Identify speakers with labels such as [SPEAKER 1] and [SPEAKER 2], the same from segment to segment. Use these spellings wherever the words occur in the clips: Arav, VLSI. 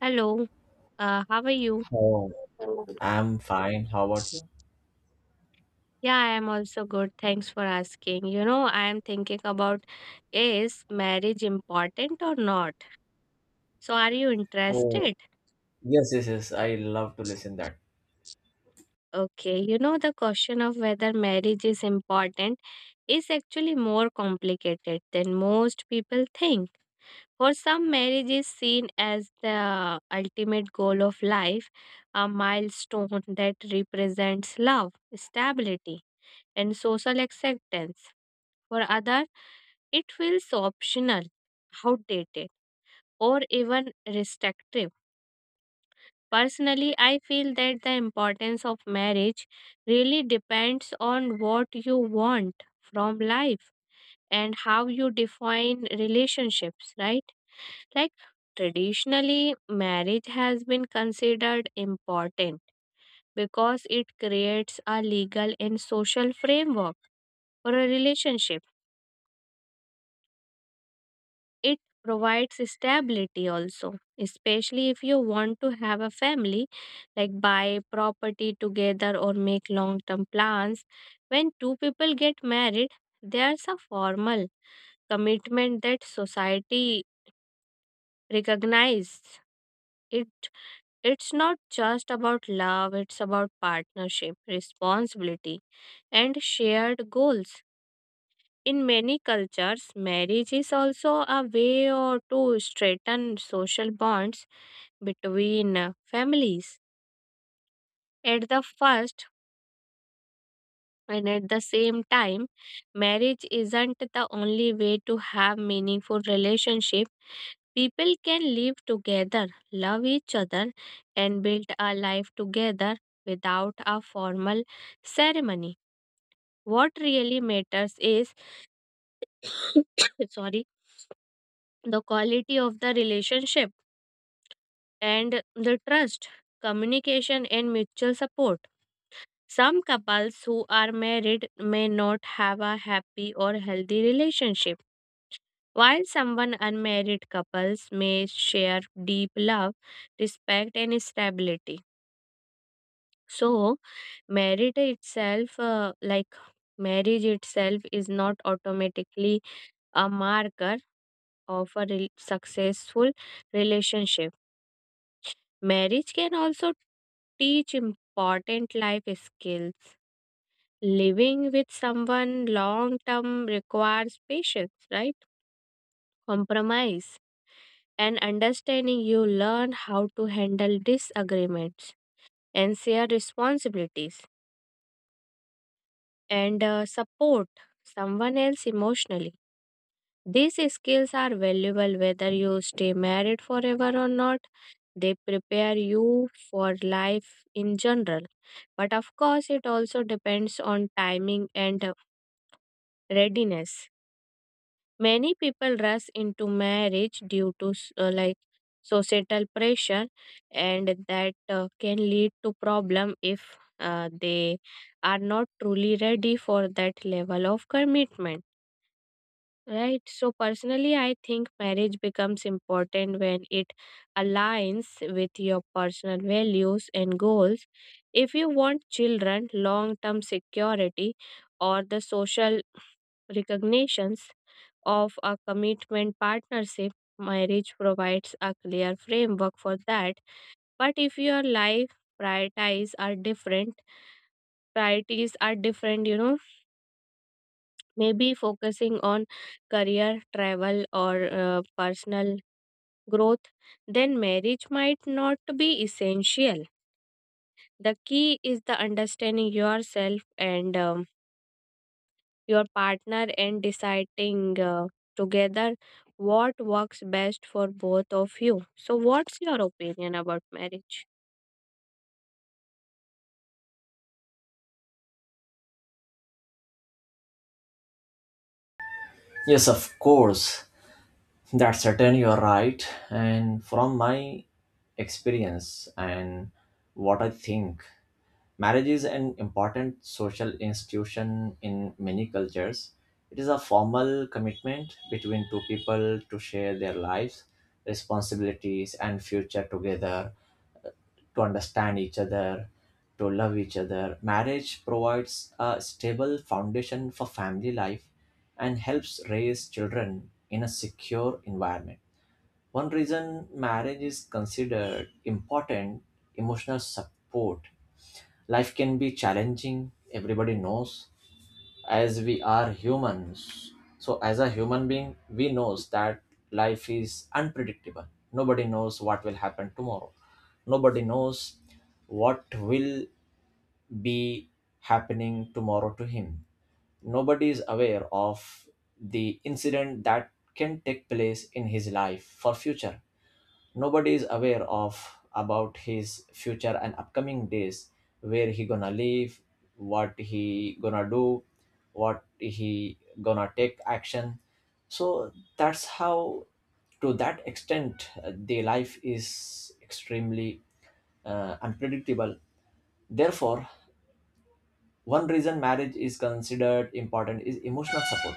[SPEAKER 1] Hello, how are you?
[SPEAKER 2] Oh, I'm fine. How about you?
[SPEAKER 1] Yeah, I am also good. Thanks for asking. You know, I am thinking about is marriage important or not? So, are you
[SPEAKER 2] Oh,
[SPEAKER 1] interested?
[SPEAKER 2] yes, yes, yes. I love to listen that.
[SPEAKER 1] Okay, you know, the question of whether marriage is important is actually more complicated than most people think. For some, marriage is seen as the ultimate goal of life, a milestone that represents love, stability, and social acceptance. For others, it feels optional, outdated, or even restrictive. Personally, I feel that the importance of marriage really depends on what you want from life and how you define relationships, right? Like traditionally, marriage has been considered important because it creates a legal and social framework for a relationship. It provides stability also, especially if you want to have a family, like buy property together or make long term plans. When two people get married, there's a formal commitment that society recognizes. It it's not just about love, it's about partnership, responsibility, and shared goals. In many cultures, marriage is also a way or to straighten social bonds between families. At the first and at the same time, marriage isn't the only way to have meaningful relationship. People can live together, love each other, and build a life together without a formal ceremony. What really matters is sorry, the quality of the relationship and the trust, communication, and mutual support. Some couples who are married may not have a happy or healthy relationship, while someone unmarried couples may share deep love, respect, and stability. So, marriage itself, uh, like marriage itself is not automatically a marker of a successful relationship. Marriage can also teach important life skills. Living with someone long term requires patience, right? Compromise and understanding. You learn how to handle disagreements and share responsibilities and support someone else emotionally. These skills are valuable whether you stay married forever or not. They prepare you for life in general. But of course, it also depends on timing and readiness. Many people rush into marriage due to societal pressure, and that can lead to problem if they are not truly ready for that level of commitment. Right. So personally, I think marriage becomes important when it aligns with your personal values and goals. If you want children, long term security, or the social recognitions of a commitment partnership, marriage provides a clear framework for that. But if your life priorities are different, priorities are different, you know, maybe focusing on career, travel, or personal growth, then marriage might not be essential. The key is the understanding yourself and your partner and deciding together what works best for both of you. So, what's your opinion about marriage?
[SPEAKER 2] Yes, of course. That's certain. You're right. And from my experience and what I think, marriage is an important social institution in many cultures. It is a formal commitment between two people to share their lives, responsibilities, and future together, to understand each other, to love each other. Marriage provides a stable foundation for family life and helps raise children in a secure environment. One reason marriage is considered important, emotional support. Life can be challenging, everybody knows, as we are humans, so as a human being we knows that life is unpredictable. Nobody knows what will happen tomorrow. Nobody knows what will be happening tomorrow to him. Nobody is aware of the incident that can take place in his life for future. Nobody is aware of about his future and upcoming days, where he gonna live, what he gonna do, what he gonna take action. So that's how, to that extent, the life is extremely, unpredictable. Therefore, one reason marriage is considered important is emotional support.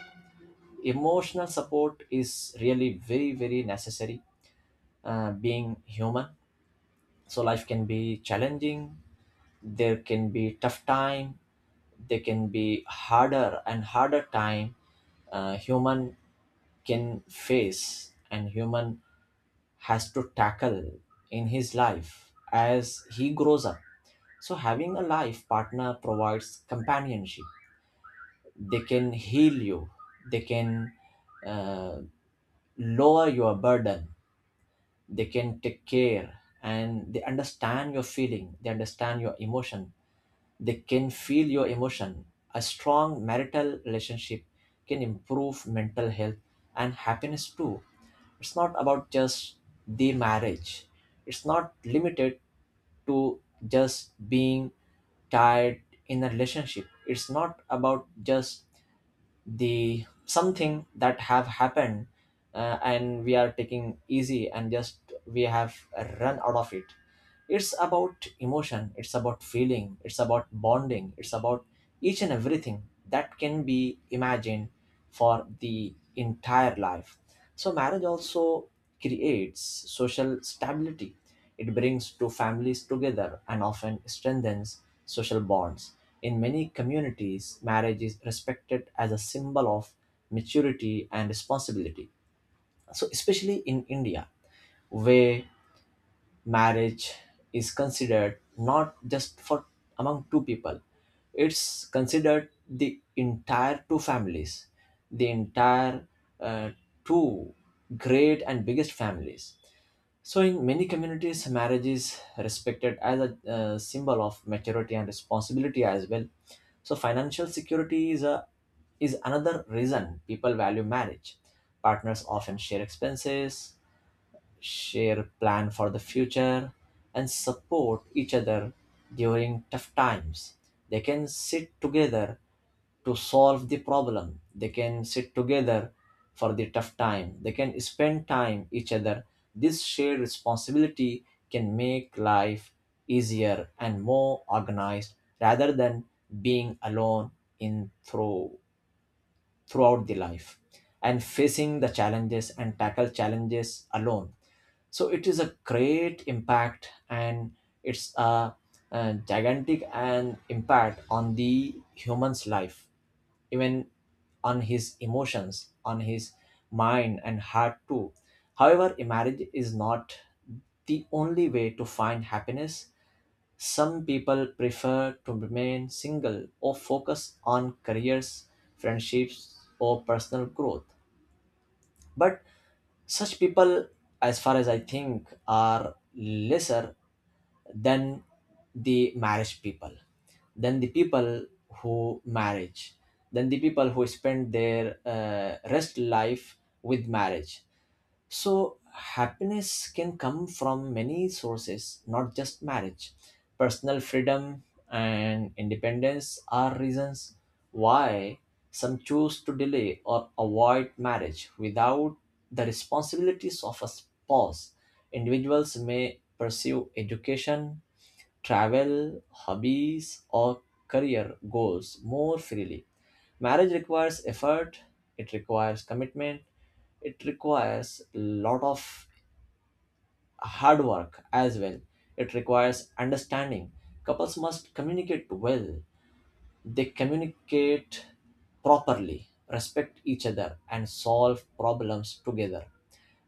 [SPEAKER 2] Emotional support is really very very necessary, being human. So life can be challenging. There can be tough time, there can be harder and harder time human can face and human has to tackle in his life as he grows up. So having a life partner provides companionship. They can heal you, they can, uh, lower your burden, they can take care, and they understand your feeling, they understand your emotion. They can feel your emotion. A strong marital relationship can improve mental health and happiness too. It's not about just the marriage. It's not limited to just being tied in a relationship. It's not about just the something that have happened, and we are taking easy and just we have run out of it. It's about emotion, it's about feeling, it's about bonding, it's about each and everything that can be imagined for the entire life. So marriage also creates social stability. It brings two families together and often strengthens social bonds. In many communities marriage is respected as a symbol of maturity and responsibility. So especially in India, where marriage is considered not just for among two people, it's considered the entire two families, the entire, uh, two great and biggest families. So in many communities marriage is respected as a symbol of maturity and responsibility as well. So financial security is a, is another reason people value marriage. Partners often share expenses, share plan for the future, and support each other during tough times. They can sit together to solve the problem. They can sit together for the tough time. They can spend time each other. This shared responsibility can make life easier and more organized rather than being alone in through throughout the life and facing the challenges and tackle challenges alone. So it is a great impact, and it's a gigantic and impact on the human's life, even on his emotions, on his mind and heart too. However, marriage is not the only way to find happiness. Some people prefer to remain single or focus on careers, friendships, or personal growth. But such people, as far as I think, are lesser than the marriage people, than the people who marriage, than the people who spend their rest life with marriage. So, happiness can come from many sources, not just marriage. Personal freedom and independence are reasons why some choose to delay or avoid marriage without the responsibilities of a spouse. Individuals may pursue education, travel, hobbies, or career goals more freely. Marriage requires effort, it requires commitment, it requires a lot of hard work as well. It requires understanding. Couples must communicate well, they communicate properly, respect each other, and solve problems together.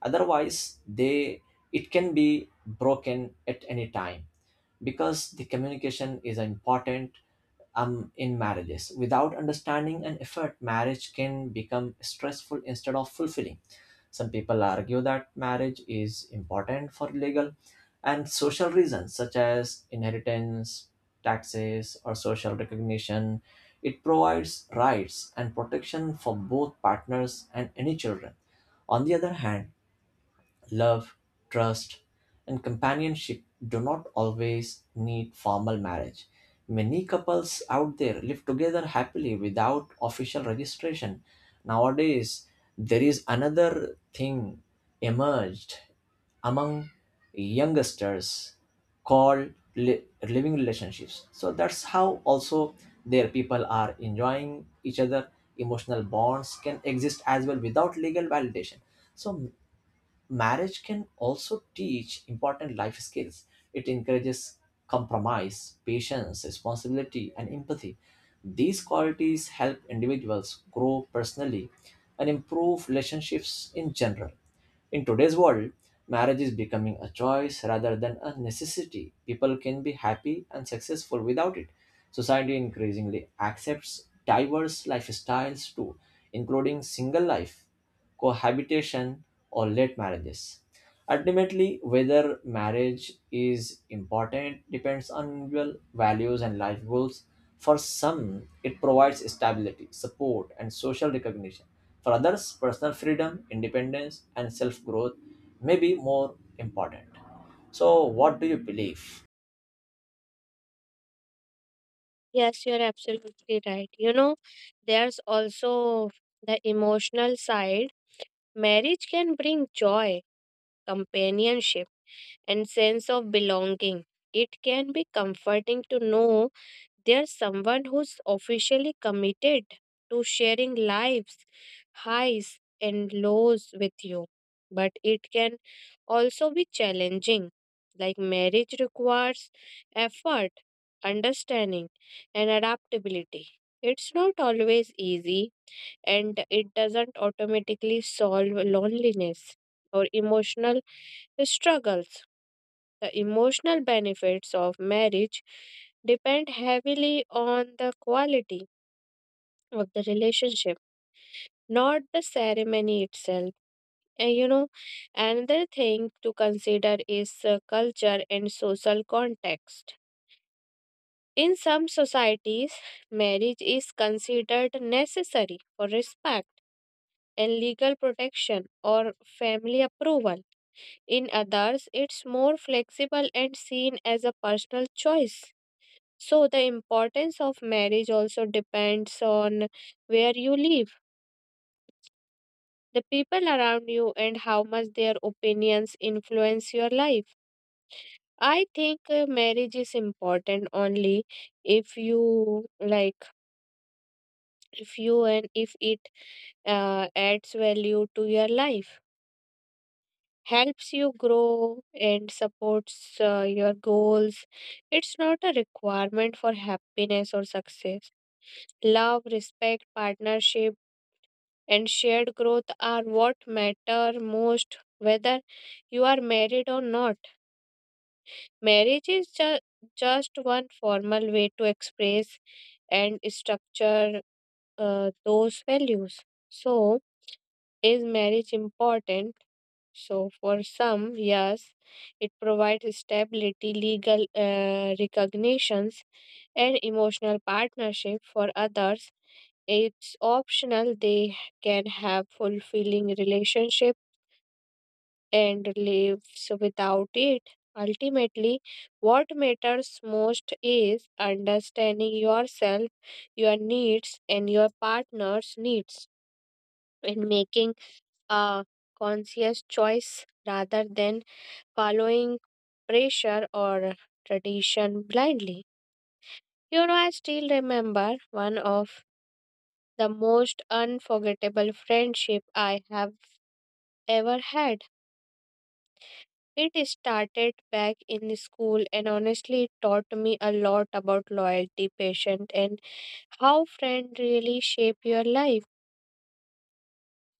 [SPEAKER 2] Otherwise, they it can be broken at any time, because the communication is important in marriages. Without understanding and effort, marriage can become stressful instead of fulfilling. Some people argue that marriage is important for legal and social reasons such as inheritance, taxes, or social recognition. It provides rights and protection for both partners and any children. On the other hand, love, trust, and companionship do not always need formal marriage. Many couples out there live together happily without official registration. Nowadays, there is another thing emerged among youngsters called living relationships. So that's how also their people are enjoying each other. Emotional bonds can exist as well without legal validation. So marriage can also teach important life skills. It encourages compromise, patience, responsibility, and empathy. These qualities help individuals grow personally and improve relationships in general. In today's world, marriage is becoming a choice rather than a necessity. People can be happy and successful without it. Society increasingly accepts diverse lifestyles too, including single life, cohabitation, or late marriages. Ultimately, whether marriage is important depends on individual values and life goals. For some, it provides stability, support, and social recognition. For others, personal freedom, independence, and self growth may be more important. So, what do you believe?
[SPEAKER 1] Yes, you're absolutely right. You know, there's also the emotional side. Marriage can bring joy, companionship, and sense of belonging. It can be comforting to know there's someone who's officially committed to sharing lives, highs, and lows with you. But it can also be challenging. Like marriage requires effort, understanding, and adaptability. It's not always easy, and it doesn't automatically solve loneliness or emotional struggles. The emotional benefits of marriage depend heavily on the quality of the relationship, not the ceremony itself. And you know, another thing to consider is culture and social context. In some societies, marriage is considered necessary for respect and legal protection or family approval. In others, it's more flexible and seen as a personal choice. So the importance of marriage also depends on where you live, the people around you, and how much their opinions influence your life. I think marriage is important only if you like, if you and if it adds value to your life, helps you grow, and supports your goals. It's not a requirement for happiness or success. Love, respect, partnership, and shared growth are what matter most, whether you are married or not. Marriage is just one formal way to express and structure those values. So, is marriage important? So, for some, yes, it provides stability, legal recognitions, and emotional partnership. For others, it's optional, they can have fulfilling relationship and lives without it. Ultimately, what matters most is understanding yourself, your needs, and your partner's needs, and making a conscious choice rather than following pressure or tradition blindly. You know, I still remember one of the most unforgettable friendship I have ever had. It started back in school and honestly it taught me a lot about loyalty, patience, and how friends really shape your life.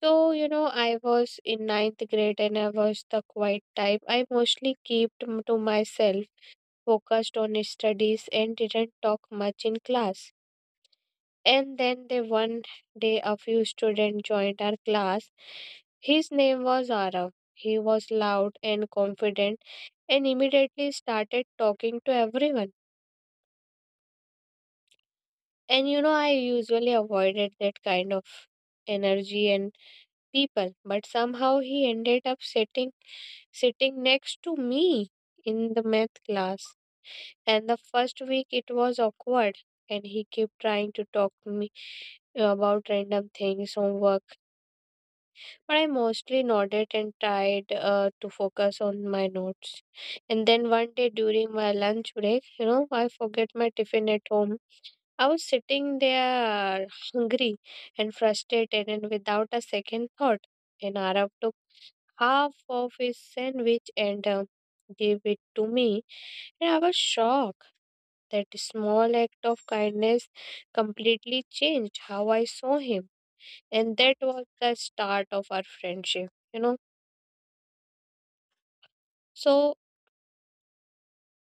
[SPEAKER 1] So, you know, I was in ninth grade and I was the quiet type. I mostly to myself, focused on studies, and didn't talk much in class. And then the one day a few students joined our class. His name was Arav. He was loud and confident and immediately started talking to everyone. And you know, I usually avoided that kind of energy and people, but somehow he ended up sitting next to me in the math class. And the first week it was awkward, and he kept trying to talk to me about random things, homework. But I mostly nodded and tried to focus on my notes. And then one day during my lunch break, you know, I forget my tiffin at home. I was sitting there hungry and frustrated and without a second thought. And Arab took half of his sandwich and gave it to me. And I was shocked. That small act of kindness completely changed how I saw him. And that was the start of our friendship, you know. So,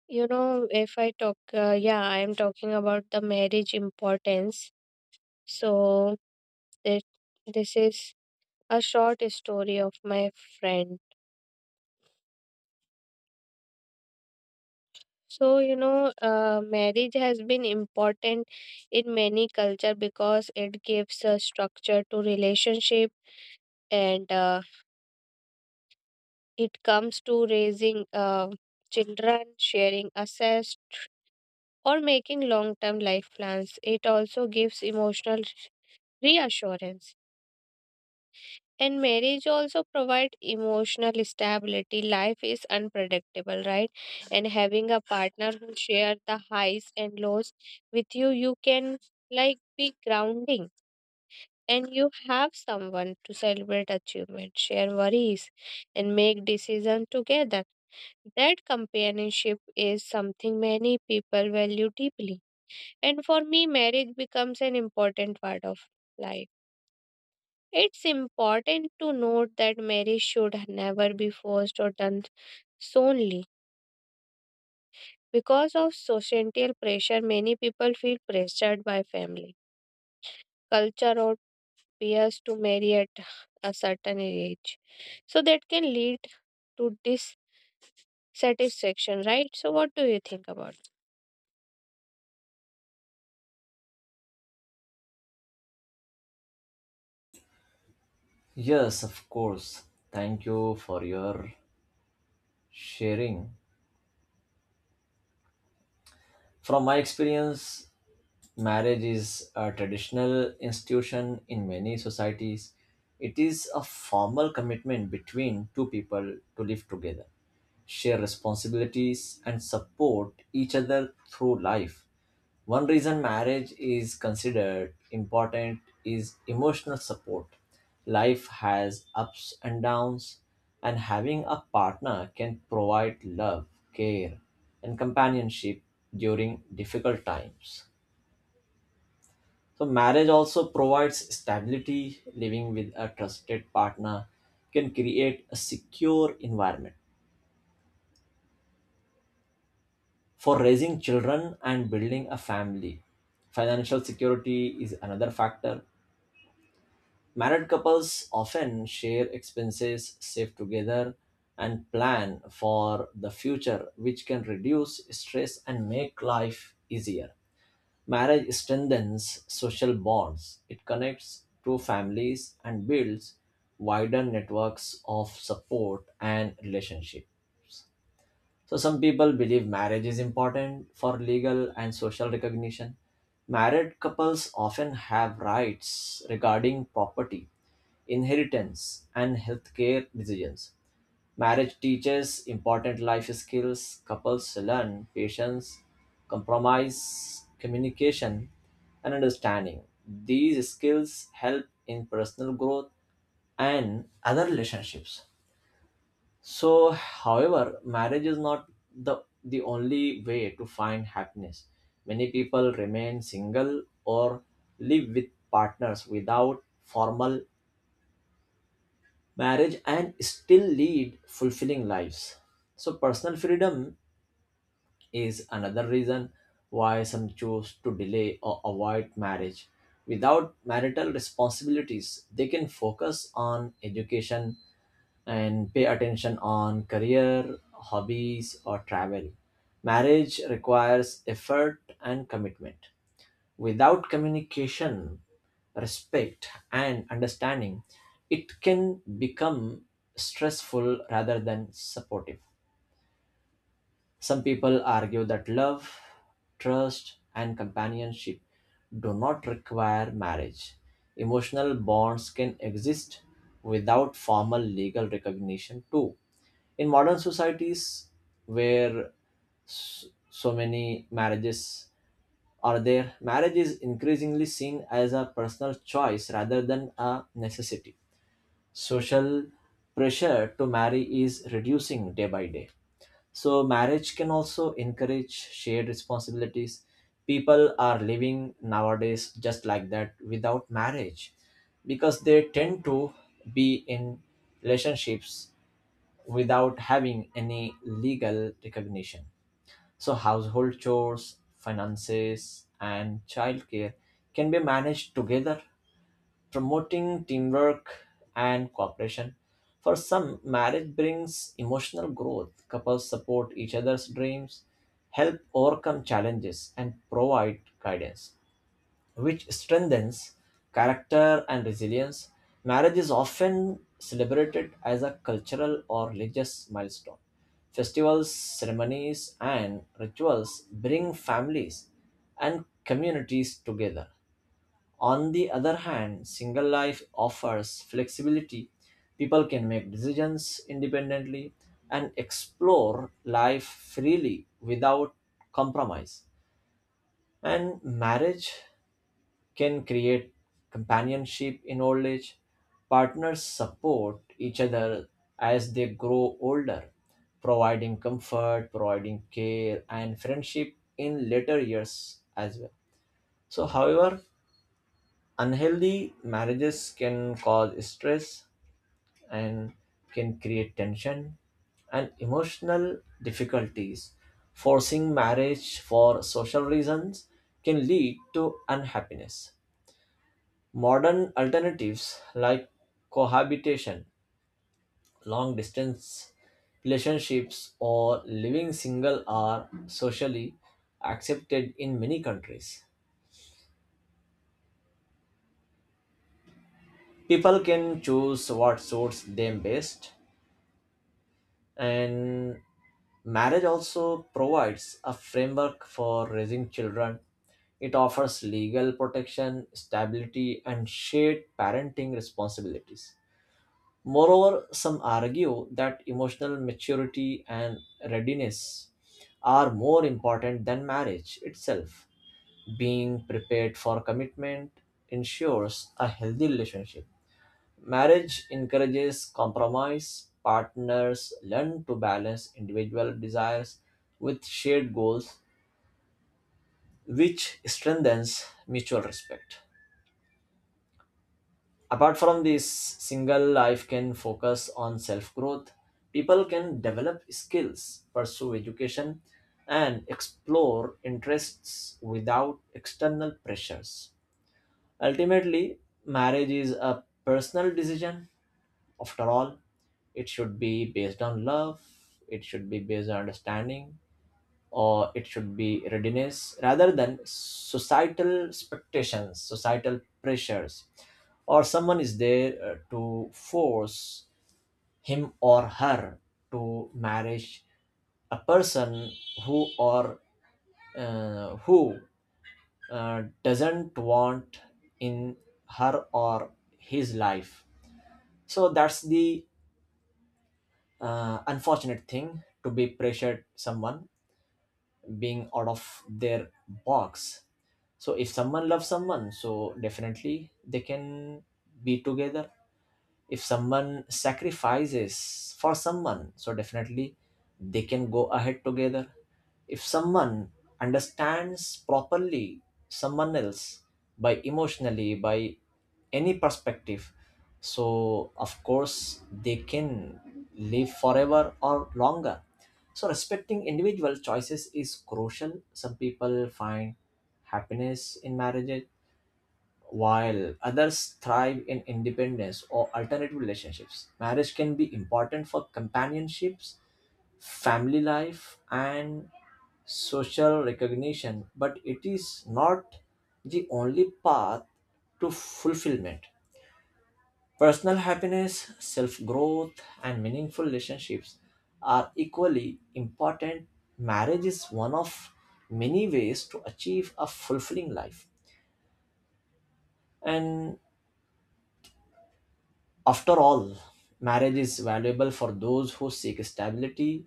[SPEAKER 1] you know, if I talk, yeah, I am talking about the marriage importance. So, that this is a short story of my friend. So, you know, marriage has been important in many culture because it gives a structure to relationship and it comes to raising children, sharing assets, or making long-term life plans. It also gives emotional reassurance. And marriage also provide emotional stability. Life is unpredictable, right? And having a partner who share the highs and lows with you, you can like be grounding and you have someone to celebrate achievement, share worries, and make decision together. That companionship is something many people value deeply. And for me, marriage becomes an important part of life. It's important to note that marriage should never be forced or done solely because of societal pressure. Many people feel pressured by family, culture, or peers to marry at a certain age, so that can lead to dissatisfaction. Right? So, what do you think about it?
[SPEAKER 2] Yes, of course. Thank you for your sharing. From my experience, marriage is a traditional institution in many societies. It is a formal commitment between two people to live together, share responsibilities, and support each other through life. One reason marriage is considered important is emotional support. Life has ups and downs, and having a partner can provide love, care, and companionship during difficult times. So, marriage also provides stability. Living with a trusted partner can create a secure environment for raising children and building a family. Financial security is another factor. Married couples often share expenses, save together, and plan for the future, which can reduce stress and make life easier. Marriage strengthens social bonds, it connects two families and builds wider networks of support and relationship. So some people believe marriage is important for legal and social recognition. Married couples often have rights regarding property, inheritance, and healthcare decisions. Marriage teaches important life skills. Couples learn patience, compromise, communication, and understanding. These skills help in personal growth and other relationships. So, however, marriage is not the only way to find happiness. Many people remain single or live with partners without formal marriage and still lead fulfilling lives. So, personal freedom is another reason why some choose to delay or avoid marriage. Without marital responsibilities, they can focus on education, and pay attention on career, hobbies, or travel. Marriage requires effort and commitment. Without communication, respect, and understanding, it can become stressful rather than supportive. Some people argue that love, trust, and companionship do not require marriage. Emotional bonds can exist without formal legal recognition, too. In modern societies where s- so many marriages are there, marriage is increasingly seen as a personal choice rather than a necessity. Social pressure to marry is reducing day by day. So, marriage can also encourage shared responsibilities. People are living nowadays just like that without marriage because they tend to be in relationships without having any legal recognition. So, household chores, finances, and childcare can be managed together, promoting teamwork and cooperation. For some, marriage brings emotional growth. Couples support each other's dreams, help overcome challenges, and provide guidance which strengthens character and resilience. Marriage is often celebrated as a cultural or religious milestone. Festivals, ceremonies, and rituals bring families and communities together. On the other hand, single life offers flexibility. People can make decisions independently and explore life freely without compromise. And marriage can create companionship in old age. Partners support each other as they grow older, providing comfort, providing care, and friendship in later years as well. So, however, unhealthy marriages can cause stress and can create tension and emotional difficulties. Forcing marriage for social reasons can lead to unhappiness. Modern alternatives like cohabitation, long distance relationships, or living single are socially accepted in many countries. People can choose what suits them best, and marriage also provides a framework for raising children. It offers legal protection, stability, and shared parenting responsibilities. Moreover, some argue that emotional maturity and readiness are more important than marriage itself. Being prepared for commitment ensures a healthy relationship. Marriage encourages compromise. Partners learn to balance individual desires with shared goals, which strengthens mutual respect. Apart from this, single life can focus on self growth. People can develop skills, pursue education, and explore interests without external pressures. Ultimately, marriage is a personal decision. After all, it should be based on love, it should be based on understanding, or it should be readiness, rather than societal expectations, societal pressures, or someone is there to force him or her to marriage, a person who or who doesn't want in her or his life. So that's the unfortunate thing, to be pressured someone being out of their box. So if someone loves someone, so definitely they can be together. If someone sacrifices for someone, so definitely they can go ahead together. If someone understands properly someone else, by emotionally, by any perspective, so of course they can live forever or longer. So respecting individual choices is crucial. Some people find happiness in marriages. While others thrive in independence or alternative relationships, marriage can be important for companionships, family life, and social recognition, but it is not the only path to fulfillment. Personal happiness, self growth, and meaningful relationships are equally important. Marriage is one of many ways to achieve a fulfilling life. And after all, marriage is valuable for those who seek stability,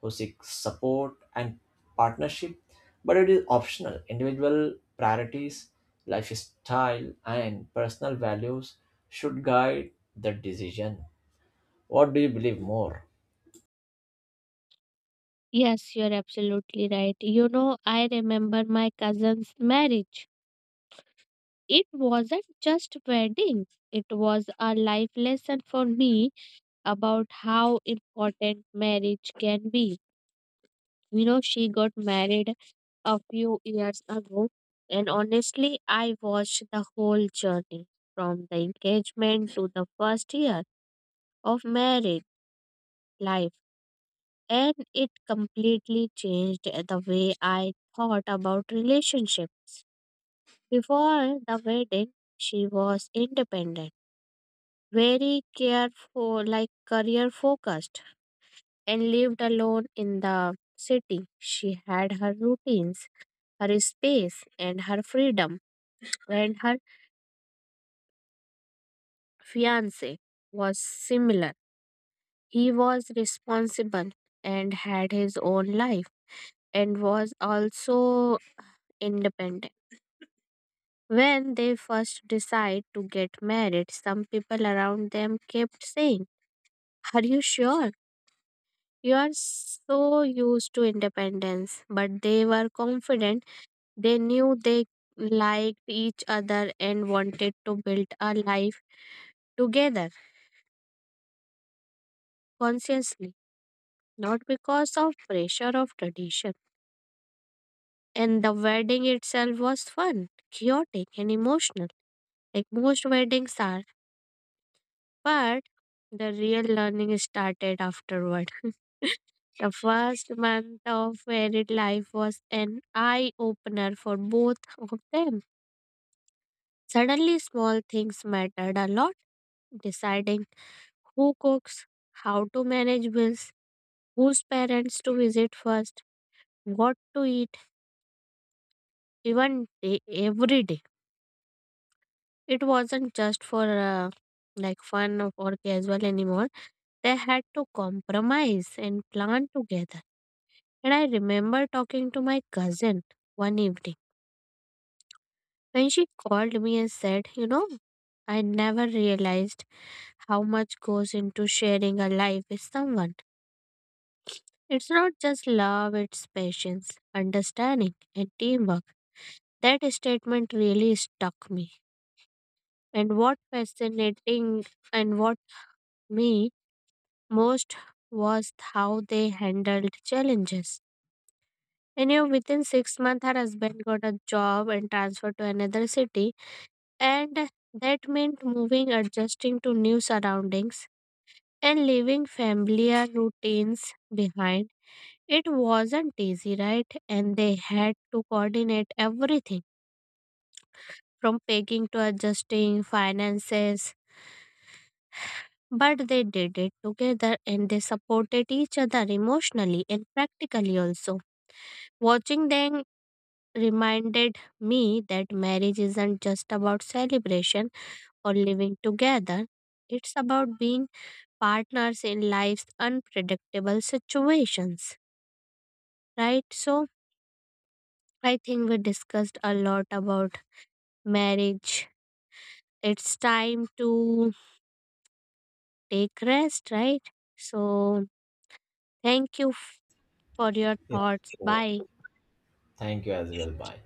[SPEAKER 2] who seek support and partnership, but it is optional. Individual priorities, lifestyle, and personal values should guide the decision. What do you believe more?
[SPEAKER 1] Yes, you're absolutely right. You know, I remember my cousin's marriage. It wasn't just wedding. It was a life lesson for me about how important marriage can be. You know, she got married a few years ago, and honestly, I watched the whole journey from the engagement to the first year of married life, and it completely changed the way I thought about relationships. Before the wedding, she was independent, very careful, like career focused and lived alone in the city. She had her routines, her space, and her freedom, and her fiance was similar. He was responsible and had his own life and was also independent. When they first decide to get married, some people around them kept saying, "Are you sure? You are so used to independence," but they were confident. They knew they liked each other and wanted to build a life together consciously, not because of pressure of tradition. And the wedding itself was fun, chaotic, and emotional, like most weddings are. But the real learning started afterward. The first month of married life was an eye opener for both of them. Suddenly, small things mattered a lot. Deciding who cooks, how to manage bills, whose parents to visit first, what to eat, even day, every day. It wasn't just for fun or casual anymore. They had to compromise and plan together. And I remember talking to my cousin one evening when she called me and said, "You know, I never realized how much goes into sharing a life with someone. It's not just love, it's patience, understanding, and teamwork." That statement really stuck me. And what fascinating and what me most was how they handled challenges. And you know, within 6 months, her husband got a job and transferred to another city, and that meant moving, adjusting to new surroundings, and leaving familiar routines behind. It wasn't easy, right? And they had to coordinate everything from packing to adjusting finances. But they did it together and they supported each other emotionally and practically also. Watching them reminded me that marriage isn't just about celebration or living together, it's about being partners in life's unpredictable situations, right? So I think we discussed a lot about marriage, it's time to take rest, right? So, thank you for your
[SPEAKER 2] Yes.
[SPEAKER 1] thoughts. Bye.
[SPEAKER 2] Thank you as well. Bye.